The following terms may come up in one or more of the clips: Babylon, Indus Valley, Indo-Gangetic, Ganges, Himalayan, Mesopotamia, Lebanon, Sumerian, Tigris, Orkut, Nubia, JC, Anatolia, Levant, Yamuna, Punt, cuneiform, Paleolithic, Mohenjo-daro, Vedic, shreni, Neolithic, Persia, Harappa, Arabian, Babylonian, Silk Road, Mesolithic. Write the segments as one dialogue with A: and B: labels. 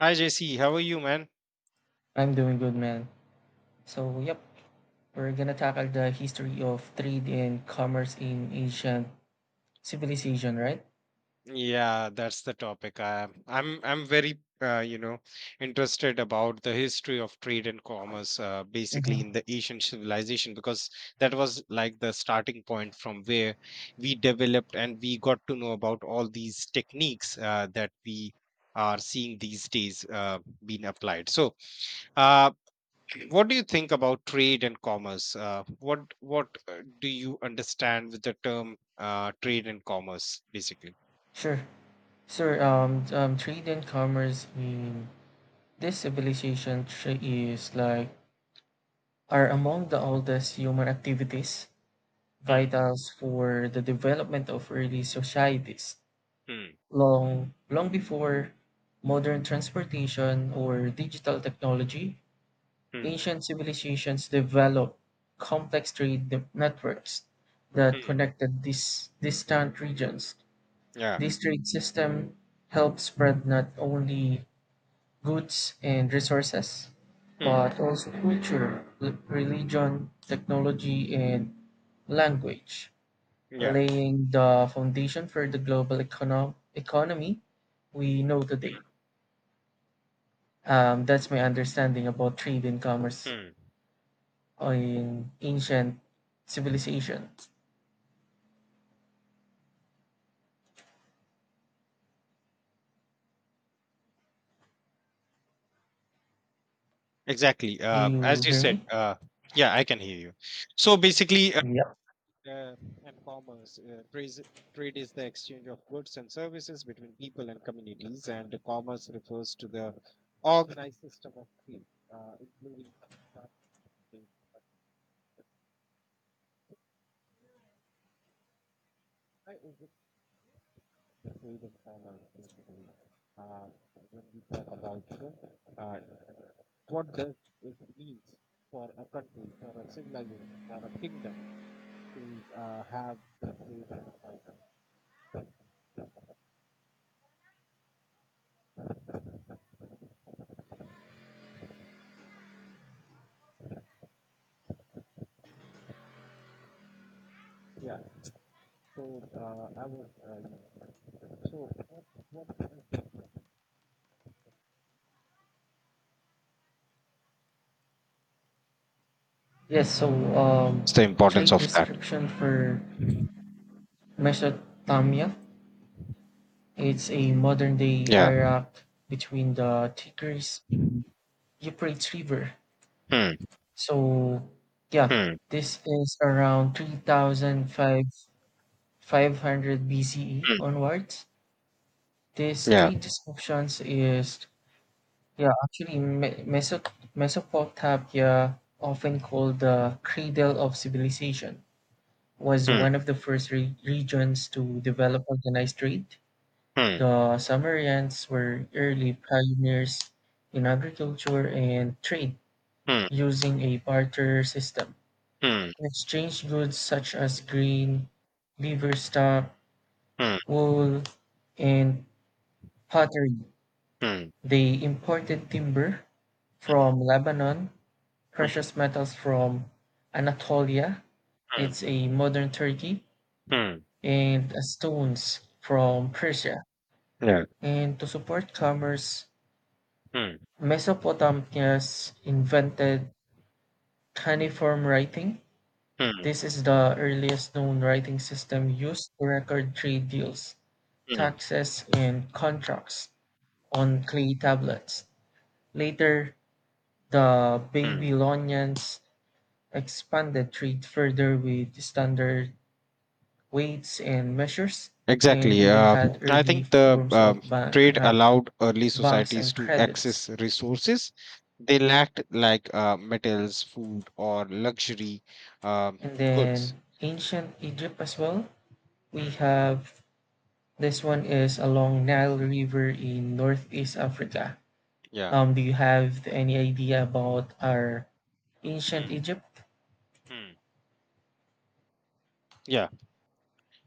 A: Hi JC, how are you, man?
B: I'm doing good, man. So, yep, we're gonna tackle the history of trade and commerce in ancient civilization, right?
A: Yeah, that's the topic. I'm very interested about the history of trade and commerce, basically
B: Hmm.
A: in the Asian civilization, because that was like the starting point from where we developed and we got to know about all these techniques that we are seeing these days being applied. So, uh, What do you think about trade and commerce? What do you understand with the term trade and commerce, basically?
B: Sure. Sure. Trade and commerce in this civilization is like are among the oldest human activities,
A: Hmm.
B: vitals for the development of early societies,
A: Hmm.
B: long before modern transportation or digital technology.
A: Hmm.
B: Ancient civilizations developed complex trade networks that
A: Hmm.
B: connected these distant regions.
A: Yeah.
B: This trade system helped spread not only goods and resources,
A: Hmm.
B: but also culture, religion, technology, and language,
A: Yeah.
B: laying the foundation for the global economy we know today. That's my understanding about trade and commerce.
A: Hmm.
B: Oh, in ancient civilization.
A: Exactly,
B: Do
A: Uh,
B: you
A: as you
B: hear
A: said.
B: me?
A: Yeah, I can hear you. So basically,
B: Yep.
A: uh, and commerce trade trade is the exchange of goods and services between people and communities, and the commerce refers to the organized system of trade, uh, including reading finance system. uh, when we talk about uh, what does it means for a country, for a civilization, for a kingdom to have the faith in. Yeah. So I was so what
B: Yes, so
A: What's the importance
B: trade
A: of that?
B: description for Mesopotamia. It's a modern day
A: Yeah.
B: Iraq between the Tigris Euphrates River.
A: Hmm.
B: So yeah,
A: Hmm.
B: this is around 3500 BCE
A: Hmm.
B: onwards. This
A: Yeah.
B: trade descriptions is Yeah, actually, Mesopotamia, often called the cradle of civilization, was
A: Hmm.
B: one of the first regions to develop organized trade.
A: Hmm.
B: The Sumerians were early pioneers in agriculture and trade,
A: Hmm.
B: using a barter system.
A: Hmm.
B: They exchanged goods such as grain, liver stock,
A: Hmm.
B: wool, and pottery.
A: Hmm.
B: They imported timber from Lebanon precious metals from Anatolia,
A: Hmm.
B: it's a modern Turkey,
A: Hmm.
B: and stones from Persia.
A: Yeah.
B: And to support commerce,
A: Hmm.
B: Mesopotamians invented
A: Hmm.
B: cuneiform writing.
A: Hmm.
B: This is the earliest known writing system used to record trade deals,
A: Hmm.
B: taxes, and contracts on clay tablets. Later, the
A: Hmm.
B: Babylonians expanded trade further with standard weights and measures, and
A: Exactly.
B: even
A: Uh,
B: had
A: I
B: early
A: think the
B: forms of
A: trade allowed early
B: banks
A: societies
B: and
A: to
B: credits.
A: access resources they lacked, like metals, food, or luxury um,
B: And
A: goods.
B: then ancient Egypt as well. We
A: Hmm.
B: have this one is along Nile River in Northeast Africa.
A: Yeah.
B: Do you have any idea about our ancient
A: Hmm.
B: Egypt?
A: Hmm. Yeah.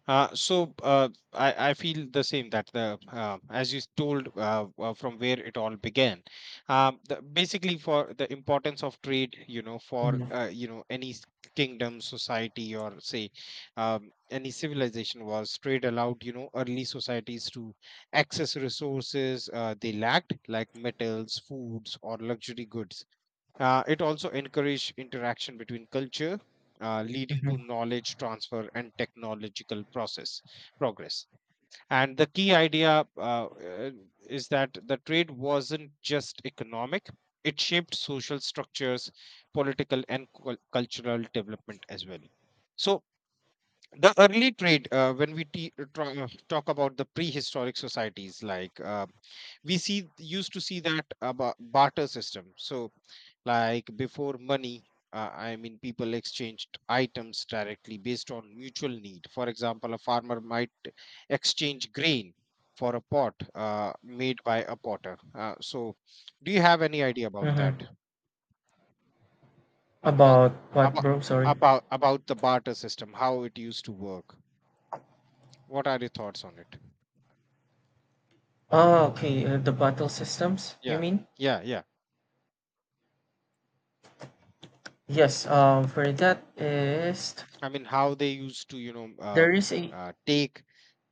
A: I feel the same that the as you told, from where it all began, basically for the importance of trade, for
B: Mhm.
A: any kingdom, society, or say any civilization was trade allowed, early societies to access resources they lacked like metals, foods, or luxury goods. It also encouraged interaction between culture, leading
B: Mm-hmm.
A: to knowledge transfer and technological process progress. And the key idea uh, is that the trade wasn't just economic; it shaped social structures, political and cultural development as well. So the early trade, when we talk about the prehistoric societies, like we see used to see that about barter system. So like before money, I mean, people exchanged items directly based on mutual need. For example, a farmer might exchange grain for a pot made by a potter. So, do you have any idea about that?
B: Mm-hmm.
A: About
B: About what,
A: about
B: bro? Sorry.
A: about the barter system, how it used to work? What are your thoughts on it?
B: Oh, okay. The battle systems, you
A: Yeah,
B: mean?
A: yeah.
B: Yes. For that is
A: I mean, how they used to, you know,
B: there is a
A: take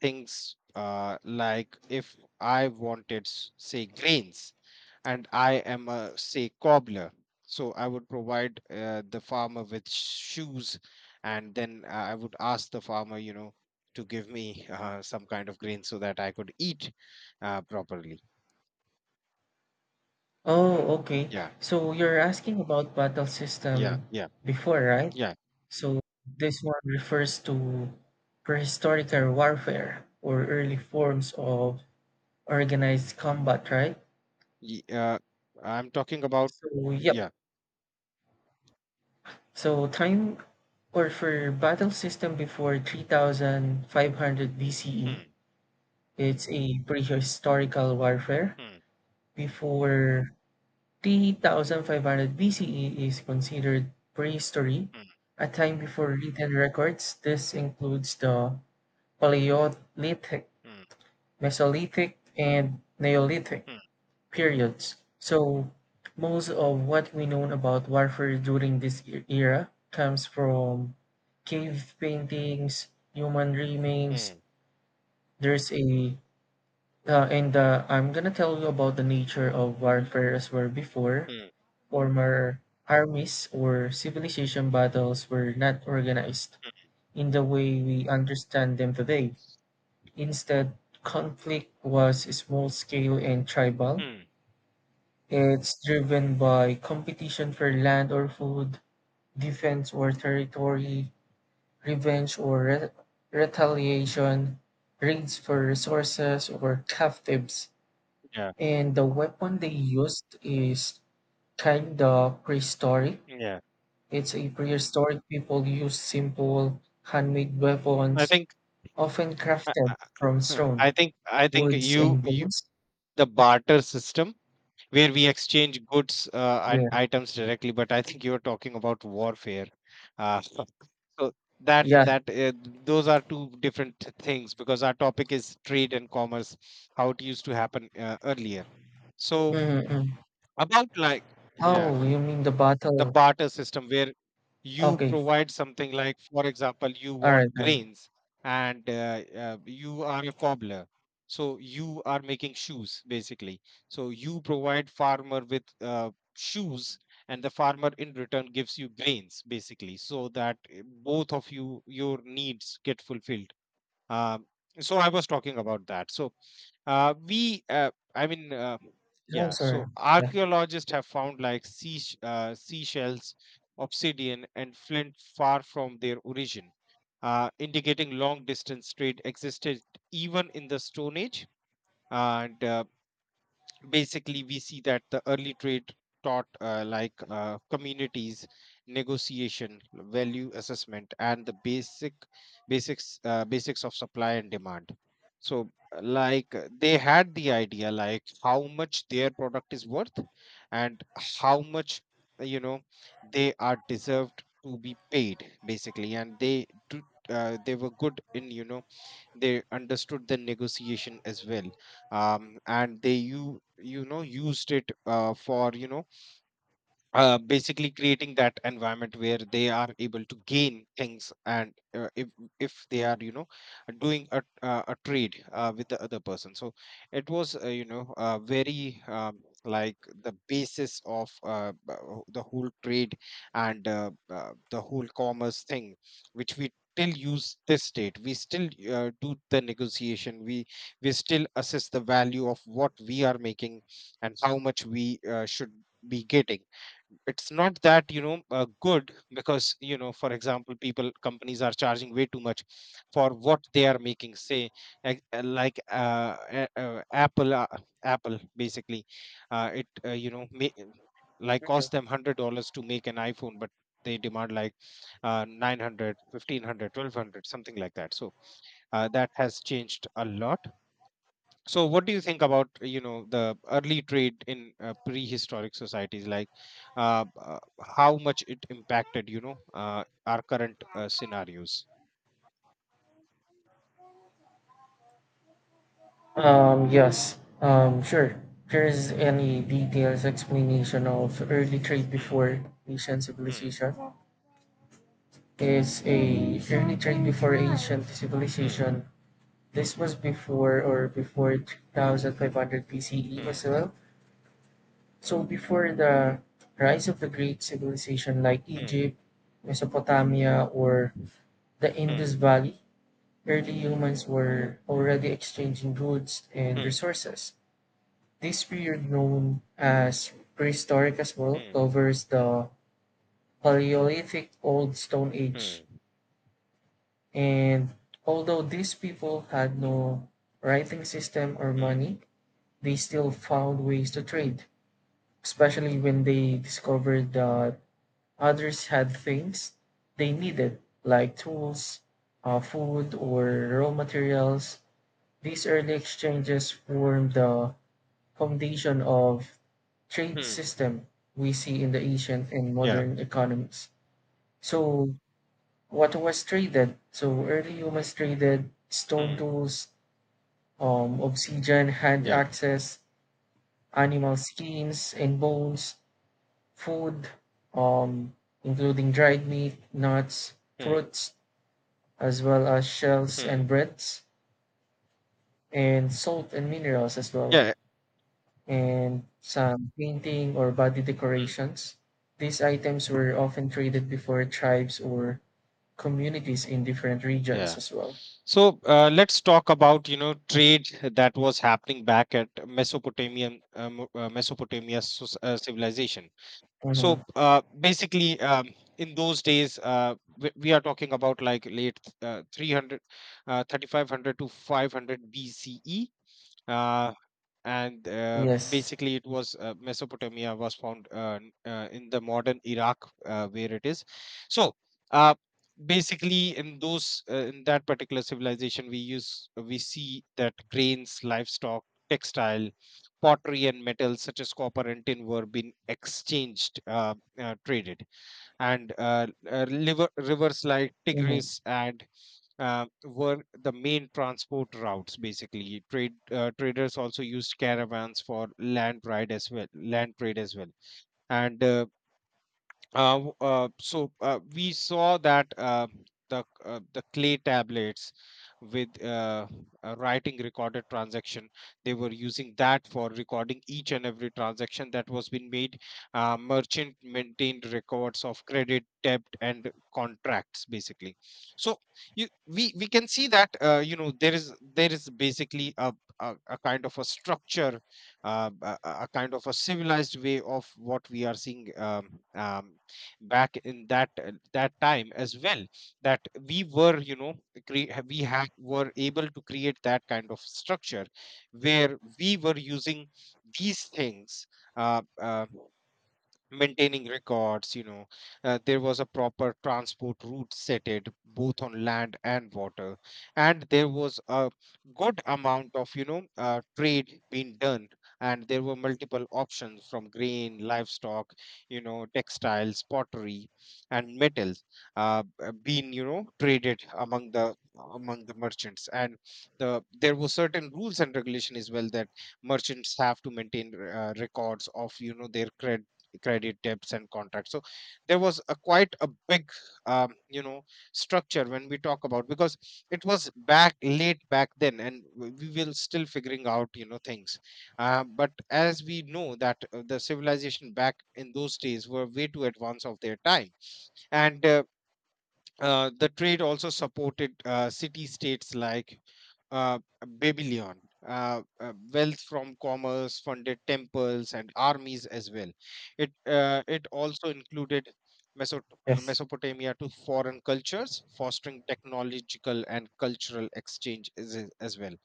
A: things, like if I wanted, say, grains, and I am a, say, cobbler, so I would provide the farmer with shoes, and then I would ask the farmer, you know, to give me some kind of grain so that I could eat properly.
B: Oh, okay.
A: Yeah,
B: So you're asking about battle
A: yeah,
B: system
A: yeah,
B: before, right?
A: yeah.
B: So this one refers to prehistorical warfare or early forms of organized combat, right?
A: Ye- Uh, I'm talking about,
B: So, yep.
A: yeah.
B: So time or for battle system before 3500 BCE,
A: Hmm,
B: it's a prehistorical warfare.
A: hmm,
B: Before 3500 BCE is considered prehistory,
A: hmm,
B: a time before written records. This includes the Paleolithic,
A: hmm,
B: Mesolithic, and Neolithic
A: hmm,
B: periods. So, most of what we know about warfare during this era comes from cave paintings, human remains.
A: hmm,
B: There's a and I'm gonna tell you about the nature of warfare as well before.
A: hmm.
B: Former armies or civilization battles were not organized in the way we understand them today. Instead, conflict was small scale and tribal.
A: Hmm.
B: It's driven by competition for land or food, defense or territory, revenge or retaliation, raids for resources or captives.
A: yeah,
B: And the weapon they used is kind of prehistoric
A: yeah.
B: It's a prehistoric people used simple handmade
A: I
B: weapons,
A: think
B: often
A: I,
B: crafted from
A: I
B: stone,
A: I- I think
B: woods,
A: you
B: and
A: you
B: bones.
A: the barter system where we exchange goods and
B: Yeah,
A: items directly, but I think you're talking about warfare. Uh, so that
B: yeah.
A: that those are two different things because our topic is trade and commerce, how it used to happen earlier. So
B: Mm-hmm.
A: about like yeah,
B: Oh, you mean the
A: the
B: battle?
A: barter system where you
B: Okay,
A: provide something, like for example, you
B: all
A: want
B: right, all right.
A: grains and you are a cobbler, so you are making shoes basically, so you provide farmer with shoes, and the farmer in return gives you grains basically, so that both of you your needs get fulfilled. um, so I was talking about that. I mean,
B: No,
A: yeah.
B: sorry.
A: So
B: Yeah.
A: archaeologists have found like seashells, obsidian, and flint far from their origin, indicating long distance trade existed even in the Stone Age. And Basically we see that the early trade taught, communities negotiation, value assessment, and the basics of supply and demand. So they had the idea like how much their product is worth and how much uh, you know they are deserved to be paid basically. They were good in, you know, they understood the negotiation as well. And they used it for, you know, basically creating that environment where they are able to gain things. And if they are, you know, doing a trade with the other person, so it was very like the basis of the whole trade and the whole commerce thing, which we still use. This state We still do the negotiation, we still assess the value of what we are making and how much we should be getting. It's not that, you know, good, because, you know, for example, people, companies are charging way too much for what they are making, say, like Apple basically. It you know may, Like, cost
B: Mhm.
A: them $100 to make an iPhone, but they demand like 900, something like that. So that has changed a lot. So, what do you think about, you know, the early trade in prehistoric societies? Like, uh, uh, how much it impacted, you know, our current scenarios?
B: Yes. Sure. Here's any details explanation of early trade
A: Hmm,
B: before Asian
A: hmm,
B: civilization. Is a early trade before Asian
A: hmm,
B: civilization This was before or before 2500 BCE as
A: hmm,
B: well. So before the rise of the great civilization like Egypt, Mesopotamia, or the
A: hmm,
B: Indus Valley, early humans were already exchanging goods and
A: hmm,
B: resources. This period, known as prehistoric as well,
A: hmm, hmm,
B: covers the Paleolithic Old Stone Age.
A: hmm,
B: And although these people had no writing system or
A: hmm,
B: money, they still found ways to trade, especially when they discovered that others had things they needed, like tools, food, or raw materials. These early exchanges formed the foundation of trade
A: hmm.
B: system we see in the ancient and
A: Yeah.
B: modern economies. So, what was traded? So, early humans traded stone
A: Hmm.
B: tools, obsidian, hand
A: Yeah.
B: axes, animal skins, and bones food, um, including dried meat, nuts,
A: Hmm.
B: fruits, as well as shells and
A: Hmm.
B: breads, and salt and minerals as well,
A: Yeah.
B: and some painting or body
A: Hmm.
B: decorations. These items were often traded before tribes or communities in different regions
A: Yeah.
B: as well.
A: So, let's talk about, you know, trade that was happening back at Mesopotamia civilization. so
B: Mhm.
A: uh, basically in those days, we are talking about like late uh, 300 uh, 3500 to 500 BCE, uh, and
B: Yes.
A: basically it was, Mesopotamia was found in the modern Iraq, where it is. So uh, basically in those in that particular civilization, we see that grains, livestock, textile, pottery, and metals such as copper and tin were being exchanged traded. And rivers like
B: Hmm.
A: Tigris and were the main transport routes. Basically, traders also used caravans for land trade as well, and we saw that the clay tablets with writing recorded transaction. They were using that for recording each and every transaction that was being made. Merchant maintained records of credit, debt, and contracts basically. So we can see that, you know, there is basically a kind of a structure, a kind of a civilized way of what we are seeing, um, back in that time as well, that we were, you know, cre- ha- we have were able to create that kind of structure where we were using these things, uh, uh, maintaining records, you know. There was a proper transport route set it both on land and water, and there was a good amount of, you know, trade being done, and there were multiple options, from grain, livestock, you know, textiles, pottery, and metals being, you know, traded among the merchants. And there were certain rules and regulation as well, that merchants have to maintain records of, you know, their credit debts and contracts. So there was a quite a big you know, structure when we talk about, because it was back late back then, and we will still figuring out, you know, things. But as we know that the civilization back in those days were way too advanced of their time. And the trade also supported city states like uh, Babylon. Wealth from commerce funded temples and armies as well. It also included Mesot-
B: Yes.
A: Mesopotamia to foreign cultures, fostering technological and cultural exchange as well.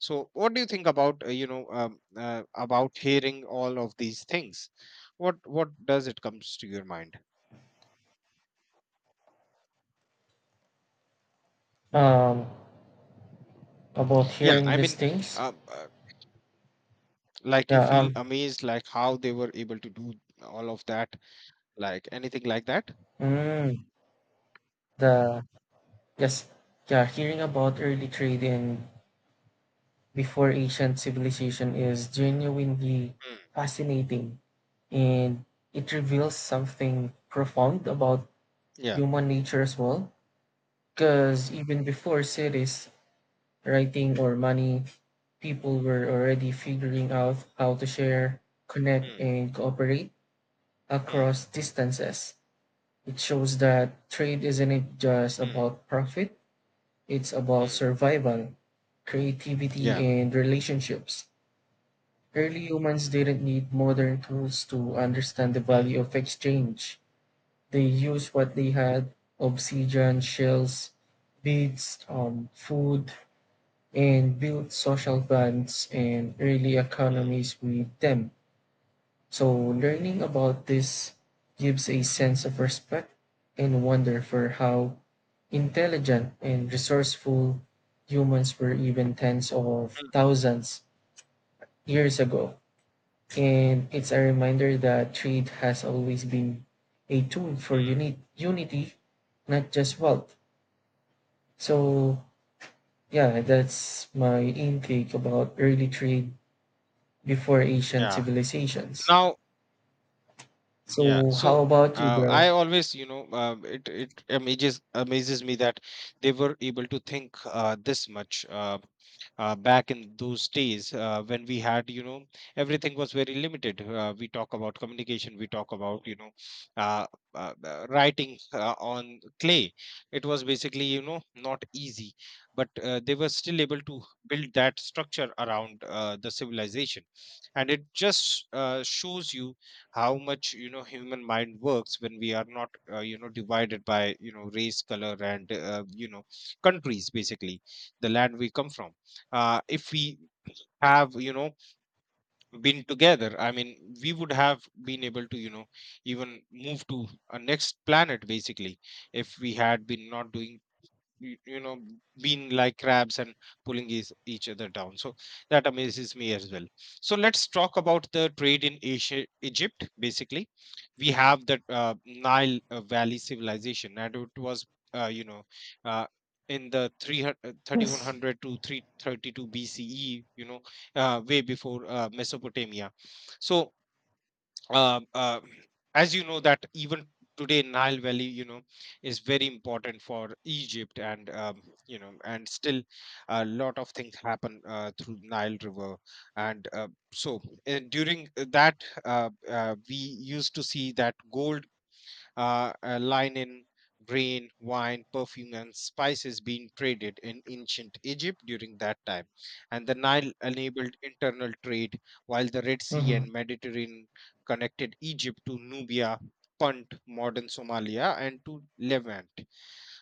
A: So, what do you think about, about hearing all of these things? What does it comes to your mind?
B: Um, about
A: Yeah,
B: hearing
A: I
B: these
A: mean,
B: things.
A: um, uh, like you
B: Yeah.
A: feel amazed like how they were able to do all of that, like anything like that.
B: Mm, the yes. Yeah. Hearing about early trade in before ancient civilization is
A: Mm,
B: genuinely
A: mm,
B: fascinating and it reveals something profound about
A: yeah,
B: human nature as well. Because even before cities, writing, or money, people were already figuring out how to share, connect,
A: mm,
B: and cooperate
A: mm,
B: across distances. It shows that trade isn't just
A: mm,
B: about profit, it's about
A: mm,
B: survival, creativity,
A: yeah,
B: and relationships. Early humans didn't need modern tools to understand the
A: mm,
B: value of exchange. They used what they had obsidian, shells, beads, food, and built social bonds and early
A: mm,
B: economies with them. So, learning about this gives a
A: mm,
B: sense of respect and wonder for how intelligent and resourceful humans were even tens of thousands years ago. And it's a reminder that trade has always been a tool for
A: mm, mm.
B: unity, not just wealth. So, yeah, that's my intake about early trade before Asian
A: Yeah,
B: civilizations.
A: now. Yeah,
B: So, how
A: so
B: about you,
A: uh, I
B: bro?
A: always, you know, it amazes me that they were able to think this much back in those days when we had, you know, everything was very limited. We talk about communication, we talk about, you know, uh, writing on clay. It was basically, you know, not easy, but they were still able to build that structure around the civilization, and it just shows you how much you know human mind works when we are not you know divided by you know race color and you know countries basically the land we come from if we have you know been together I mean we would have been able to you know even move to a next planet basically if we had been not doing you know being like crabs and pulling each other down, so that amazes me as well. So let's talk about the trade in Asia. Egypt, basically, we have that Nile valley civilization, and it was you know uh, in the three hundred thirty-one
B: Yes.
A: hundred to 332 BCE, you know, way before Mesopotamia. So um, uh, as you know that even today Nile valley, you know, is very important for Egypt, and you know, and still a lot of things happen through Nile river. And so during that, we used to see that gold, linen, grain, wine, perfume, and spices being traded in ancient Egypt during that time. And the Nile enabled internal trade, while the Red Sea
B: Mm-hmm.
A: and Mediterranean connected Egypt to Nubia. Punt, modern Somalia, and to Levant.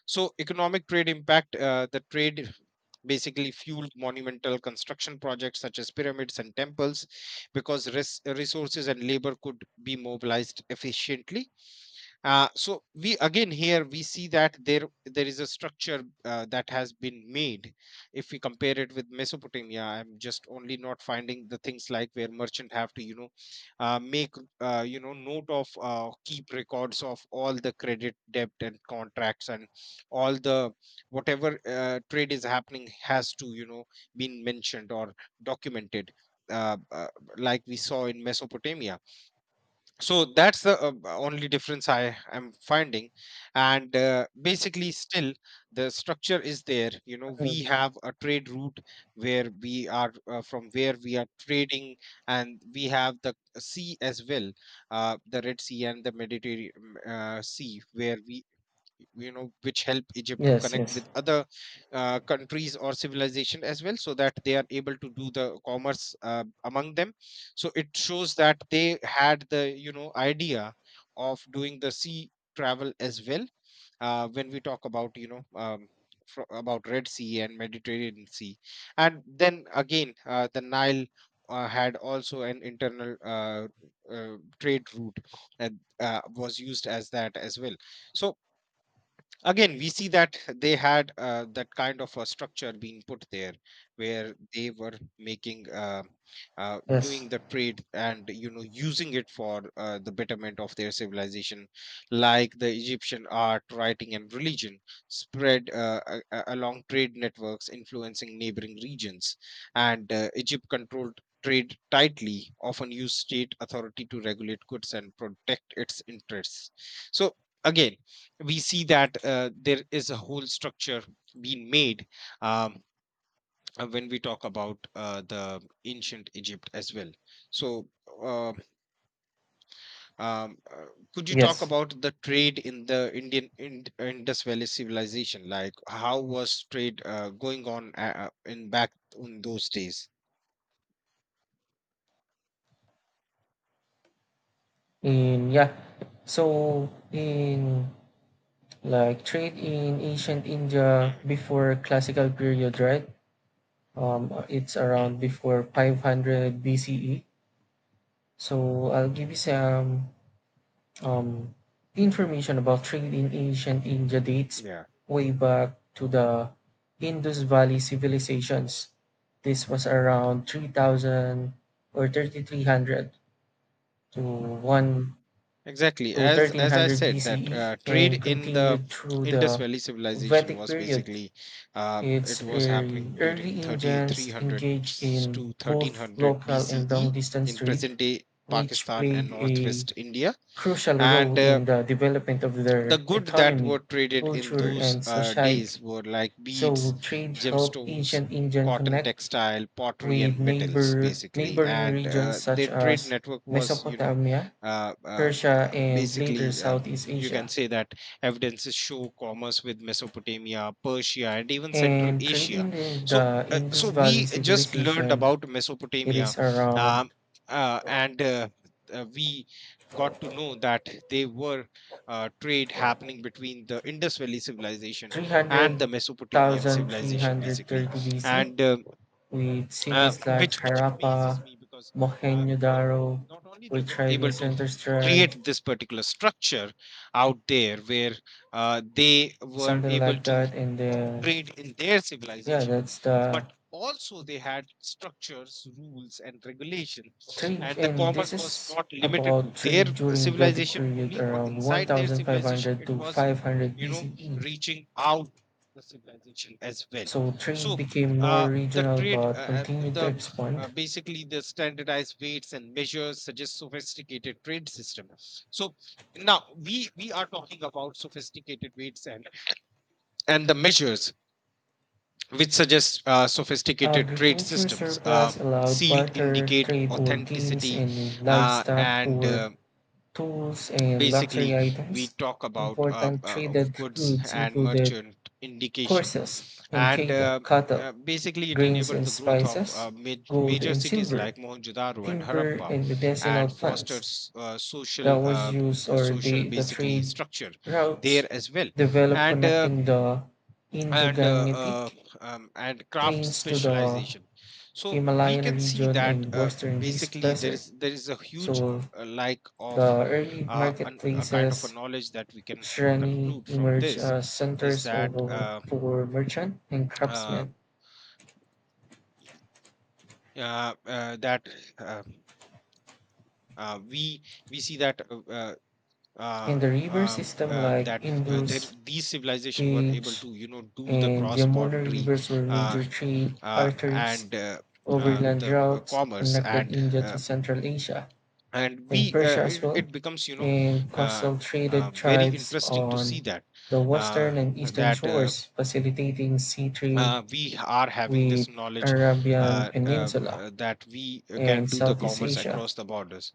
A: So, economic trade impact, the trade basically fueled monumental construction projects such as pyramids and temples because resources and labor could be mobilized efficiently. So we, again, here we see that there is a structure that has been made. If we compare it with Mesopotamia, I'm just only not finding the things like where merchant have to you know make, you know, note of, keep records of all the credit debt and contracts and all the whatever trade is happening has to you know been mentioned or documented, uh, uh, like we saw in Mesopotamia. So that's the only difference I am finding, and basically still the structure is there. You know, we have a trade route where we are from where we are trading, and we have the sea as well. The Red Sea and the Mediterranean sea, where we you know which help Egypt to
B: Yes,
A: connect
B: yes,
A: with other countries or civilization as well, so that they are able to do the commerce among them. So it shows that they had the you know idea of doing the sea travel as well when we talk about you know about Red Sea and Mediterranean Sea. And then again the Nile had also an internal trade route, and was used as that as well. So again we see that they had that kind of a structure being put there, where they were making
B: yes,
A: doing the trade and you know using it for the betterment of their civilization, like the Egyptian art, writing and religion spread along trade networks, influencing neighboring regions. And Egypt controlled trade tightly, often used state authority to regulate goods and protect its interests. So again we see that there is a whole structure being made, um, when we talk about the ancient Egypt as well. So, uh, um, uh, could you talk
B: yes.
A: about the trade in the Indian Indus Valley civilization? Like, how was trade going on in back in those days?
B: In yeah, so in like trade in ancient India
A: Hmm,
B: before classical period, right? It's around
A: hmm,
B: before 500 BCE. So I'll give you some um, information about trade in ancient India dates
A: yeah.
B: way back to the Indus Valley civilizations. This was around 3000 or 3300 to 1
A: Exactly.
B: to
A: As I
B: 1300
A: said, that
B: BCE
A: trade
B: and
A: in the
B: continued through
A: Indus
B: the
A: Valley civilization
B: Vedic
A: was
B: period.
A: basically it
B: Its
A: was
B: early,
A: happening during
B: early engines
A: 3300
B: engaged in
A: to
B: both
A: 1300
B: local and
A: BCE
B: long-distance
A: in
B: trade,
A: present day
B: which
A: Pakistan and
B: played a
A: northwest India.
B: crucial
A: And
B: role in the development of
A: the
B: their
A: good that
B: economy,
A: were traded in
B: culture,
A: those
B: and
A: days
B: society.
A: were like beads,
B: So trade helped
A: gemstones,
B: ancient India
A: cotton
B: connect
A: textile, pottery,
B: with
A: and metals, basically.
B: neighboring
A: And
B: regions such
A: their trade
B: as
A: network was, you know,
B: Mesopotamia,
A: uh, uh,
B: Persia, and later
A: basically,
B: Southeast
A: you can
B: Asia.
A: say that evidences show commerce with Mesopotamia, Persia, and even Central
B: And trade
A: Asia.
B: in the,
A: So,
B: the Indus
A: so
B: Valley
A: we just learned
B: civilization,
A: about
B: it
A: Mesopotamia,
B: is around
A: um, and we got to know that they were trade happening between the Indus Valley civilization and the Mesopotamian
B: 300,000
A: civilization, basically.
B: 330 BC,
A: And
B: with cities like
A: which amazes
B: Harappa,
A: me, because you know
B: Mohenjo-daro,
A: not only
B: where
A: they were
B: thriving
A: able to
B: centers thrive,
A: create this particular structure out there where they were
B: something
A: able
B: like
A: to
B: that. And
A: do
B: then,
A: trade in their
B: yeah,
A: civilization,
B: that's
A: but
B: the
A: also they had structures, rules and regulations,
B: trade.
A: and the
B: And this
A: commerce was
B: is
A: not limited
B: about
A: to their
B: trade during Vedic
A: civilization
B: period
A: only, or
B: around
A: inside their civilization,
B: 1500
A: it
B: to
A: was
B: 500
A: you know
B: BCE.
A: reaching out the civilization as well.
B: So trade
A: So
B: became more
A: uh, the
B: regional
A: trade uh,
B: but
A: uh,
B: continued to
A: the uh,
B: expand.
A: basically the standardized weights and measures suggest sophisticated trade system. So now we are talking about sophisticated weights and the measures which suggest sophisticated trade
B: Agriculture
A: systems.
B: surplus allowed
A: Sealed
B: barter
A: indicate
B: trade or gains
A: authenticity,
B: in livestock
A: and
B: or tools and
A: basically
B: luxury
A: we
B: items.
A: talk about
B: Important
A: of
B: traded
A: goods
B: goods
A: and
B: included
A: merchant indication.
B: horses and
A: And
B: cattle, cattle,
A: basically it
B: grains
A: enabled
B: and
A: the growth of
B: spices, gold
A: major
B: and
A: cities
B: silver,
A: like Mohenjo-daro and
B: timber
A: Harappa,
B: and medicinal
A: and fostered
B: plants. That
A: social
B: was used or
A: social
B: the
A: basically
B: trade
A: structure
B: routes
A: there as well.
B: developed
A: And
B: connecting the
A: and uh, uh,
B: Indo-Gangetic
A: and craft
B: plains to the
A: specialization. So we
B: Himalayan
A: can see
B: region
A: that
B: and western These
A: basically there
B: desert.
A: is there is a huge
B: So
A: lack of
B: the early
A: a kind of a
B: marketplaces
A: knowledge that we can
B: Shreni
A: conclude from
B: emerged
A: this,
B: as
A: is
B: centers
A: that
B: of, for merchant and
A: uh,
B: craftsmen.
A: uh, uh, that uh, uh, we we see that uh,
B: And the river system like
A: that there
B: Indus,
A: these civilizations were able
B: Ganges,
A: to you know do the
B: and
A: cross
B: Yamuna
A: boundary
B: rivers were
A: uh,
B: major trade arteries,
A: and uh,
B: overland
A: the uh,
B: routes
A: commerce,
B: connected India to Central Asia
A: and
B: in
A: we
B: Persia as
A: it,
B: well,
A: it becomes you know
B: and
A: uh,
B: coastal traded
A: very
B: tribes
A: interesting to see
B: on
A: that
B: the
A: uh,
B: western and eastern
A: that
B: shores, facilitating sea trade
A: we are having
B: with
A: this knowledge,
B: Arabian Peninsula
A: that we can
B: and
A: do the
B: Southeast
A: commerce
B: Asia.
A: across the borders,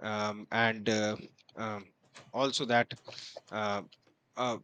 A: and um, also that uh, uh,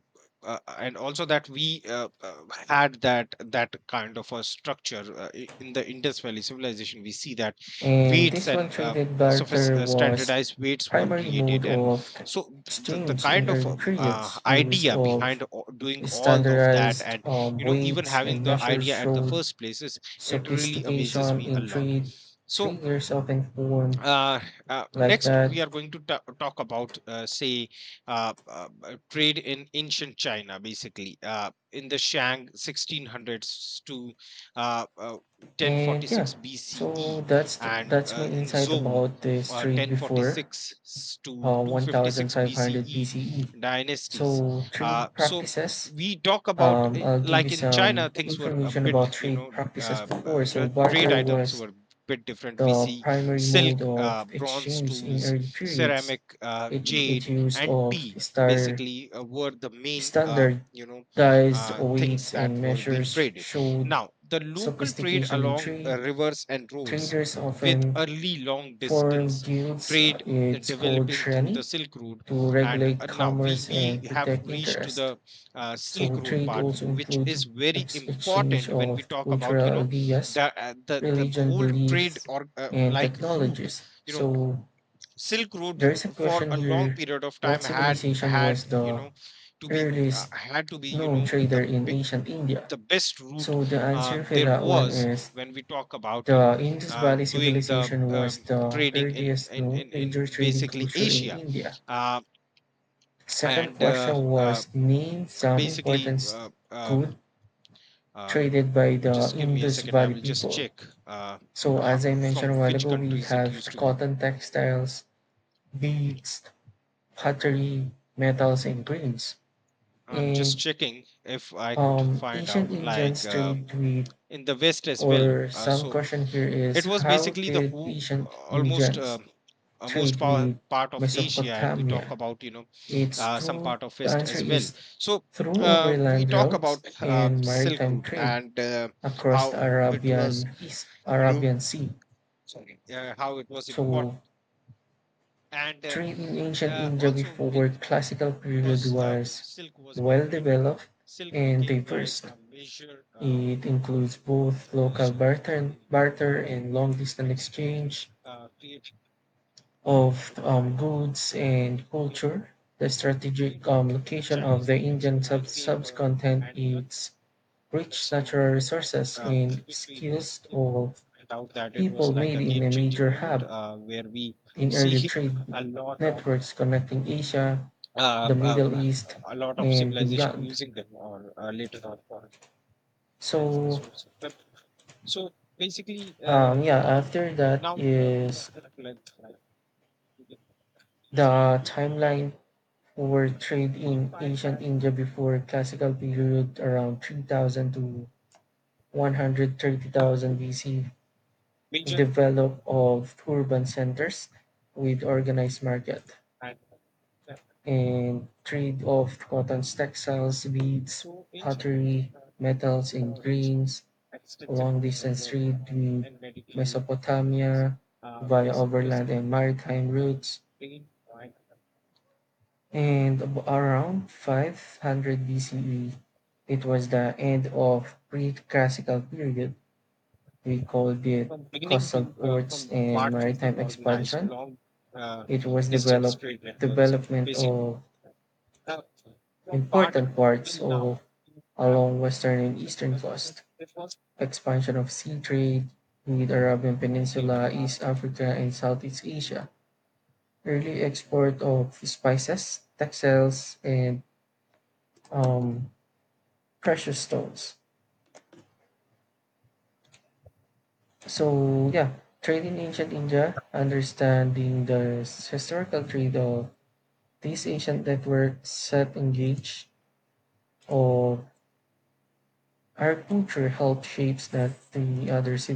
A: and also that we had that that kind of a structure in the Indus Valley civilization. We see that
B: And
A: weights
B: this one
A: and
B: traded barter was
A: standardized weights were
B: primary mode
A: created, and
B: of
A: so the
B: exchange
A: kind
B: in
A: of
B: early periods used
A: idea
B: of
A: behind doing all of that,
B: standardized
A: and you know even
B: weights
A: having
B: and
A: the
B: measures
A: idea at the
B: showed
A: first place, is it really amazes
B: sophistication
A: me a
B: in
A: lot.
B: trade.
A: So
B: Traders often formed
A: uh,
B: like
A: next we
B: that
A: are going to talk about say trade in ancient China, basically in the Shang, 1600s to uh, uh,
B: And yeah,
A: 1046 BCE,
B: so that's
A: and
B: that's my
A: in
B: insight
A: Zhou,
B: about the trade before
A: 1046 to 256
B: 1500
A: BCE
B: BCE.
A: dynasties.
B: So trade
A: So
B: practices.
A: we talk about
B: I'll give you
A: like in China,
B: some
A: things were a
B: information
A: bit,
B: about
A: you
B: trade
A: know,
B: practices before. So
A: the trade
B: barter
A: items
B: was
A: were bit different. We
B: the
A: see
B: primary mode
A: silk,
B: of
A: bronze
B: exchange in
A: tools,
B: early periods.
A: ceramic,
B: It
A: jade,
B: used
A: and
B: of
A: tea,
B: star
A: basically were the main, you know,
B: standardized
A: things
B: weights
A: that
B: and
A: were being
B: measures
A: traded.
B: showed
A: Now, the local trade
B: sophistication in
A: along
B: trade.
A: rivers and roads,
B: Traders
A: with
B: often
A: early long
B: For
A: distance
B: guilds,
A: trade
B: it's called
A: developing through the
B: shreni
A: Silk Road.
B: to
A: And
B: regulate
A: now
B: commerce and
A: we have
B: protect
A: reached to
B: interest.
A: the Silk
B: So
A: Road
B: trade
A: part,
B: also
A: which
B: includes
A: is very
B: exchange
A: important when we
B: of
A: talk about, you
B: cultural
A: know,
B: ideas,
A: the
B: religion
A: whole trade
B: beliefs,
A: or
B: and
A: like route,
B: technologies.
A: you know,
B: So
A: Silk Road
B: there is a
A: for
B: question
A: a long
B: here:
A: period of
B: What
A: time had
B: civilization was
A: had you
B: the
A: know to be
B: earliest
A: had to be you
B: known
A: know
B: trader in ancient India?
A: the best route
B: So the answer for
A: there
B: that one
A: was,
B: is
A: when we talk about you know
B: the Indus Valley
A: doing the
B: Civilization was the
A: trading
B: earliest known
A: in
B: major trading
A: basically
B: culture in
A: Asia,
B: India.
A: uh,
B: Second
A: and
B: question was name some
A: basically
B: important good
A: uh,
B: traded by the
A: just give me a
B: Indus
A: second. I
B: Valley
A: will just
B: people.
A: check
B: So as I mentioned
A: from
B: a while
A: which
B: ago, we
A: countries it
B: have
A: used to go.
B: cotton textiles, beads, pottery, metals, and grains.
A: I'm just
B: And
A: checking if I could find out,
B: ancient
A: like,
B: Indians trade with,
A: in the West as well.
B: or some
A: So
B: question here is
A: it was
B: how
A: basically the
B: did
A: whole,
B: ancient
A: almost
B: Indians
A: most
B: trade
A: power,
B: with
A: part of Asia, and we talk
B: Mesopotamia?
A: about you know
B: It's
A: some
B: true.
A: part of
B: The
A: West
B: answer
A: as well.
B: is
A: So
B: through
A: we
B: overland
A: talk
B: routes
A: about
B: and
A: Silk
B: maritime
A: Route
B: trade
A: and
B: across
A: how
B: the
A: it was,
B: Arabian East
A: you know,
B: Arabian Sea.
A: sorry, how it was
B: So
A: important, and
B: trade in ancient India
A: also,
B: before
A: in
B: classical period
A: because
B: was
A: silk was being
B: well
A: traded,
B: developed
A: silk
B: and
A: became like
B: diverse.
A: a major
B: It includes both local
A: nation, basically,
B: barter
A: uh,
B: and long distance
A: export
B: exchange
A: created from
B: of
A: a time.
B: goods and
A: You know,
B: culture. The
A: and
B: strategic
A: trade on other
B: location of
A: Chinese
B: the Indian
A: dimension like paper
B: subcontinent
A: and
B: is rich
A: others, you know,
B: natural
A: uh,
B: resources
A: uh,
B: and
A: which we
B: skills
A: you know
B: of
A: find out that it was
B: people
A: like
B: made
A: a
B: in
A: game
B: a
A: changing
B: major
A: moment
B: hub
A: where we
B: in
A: see
B: early trade
A: a lot of
B: networks connecting Asia,
A: uh,
B: the
A: uh,
B: Middle East,
A: a lot of
B: and
A: civilization
B: beyond.
A: using them, or later on for as a
B: So,
A: source of weapon. So basically,
B: yeah, after that
A: now we
B: is
A: find like,
B: the timeline for trade
A: we
B: in
A: find
B: ancient
A: that
B: India before classical period around
A: uh,
B: 3000 to
A: that
B: 130,000 BC,
A: major,
B: develop of urban centers with organized market,
A: and uh,
B: and trade of cottons, textiles, beads,
A: so in
B: pottery, metals, and
A: coverage,
B: grains, a
A: extensive
B: long
A: road
B: distance
A: network,
B: trade with
A: and Mediterranean provenance,
B: Mesopotamia via
A: west, west,
B: overland and maritime routes,
A: Spain, right?
B: and around 500 BCE, it was the end of pre-classical period. We called it
A: From beginning to
B: coastal ports
A: from
B: and
A: Barclays to
B: maritime
A: organized
B: expansion.
A: long uh,
B: It was
A: distance
B: developed
A: trade networks,
B: development
A: basically
B: of
A: uh, from part
B: important parts
A: till
B: of
A: now.
B: along western and eastern coast,
A: Dit was.
B: expansion of sea trade with Arabian
A: Ik denk,
B: Peninsula,
A: ah,
B: East Africa, and Southeast Asia, early export of spices, textiles, and um, precious stones. So yeah, trade in ancient India, understanding the historical trade of these ancient networks set engage of our culture helped shapes that the other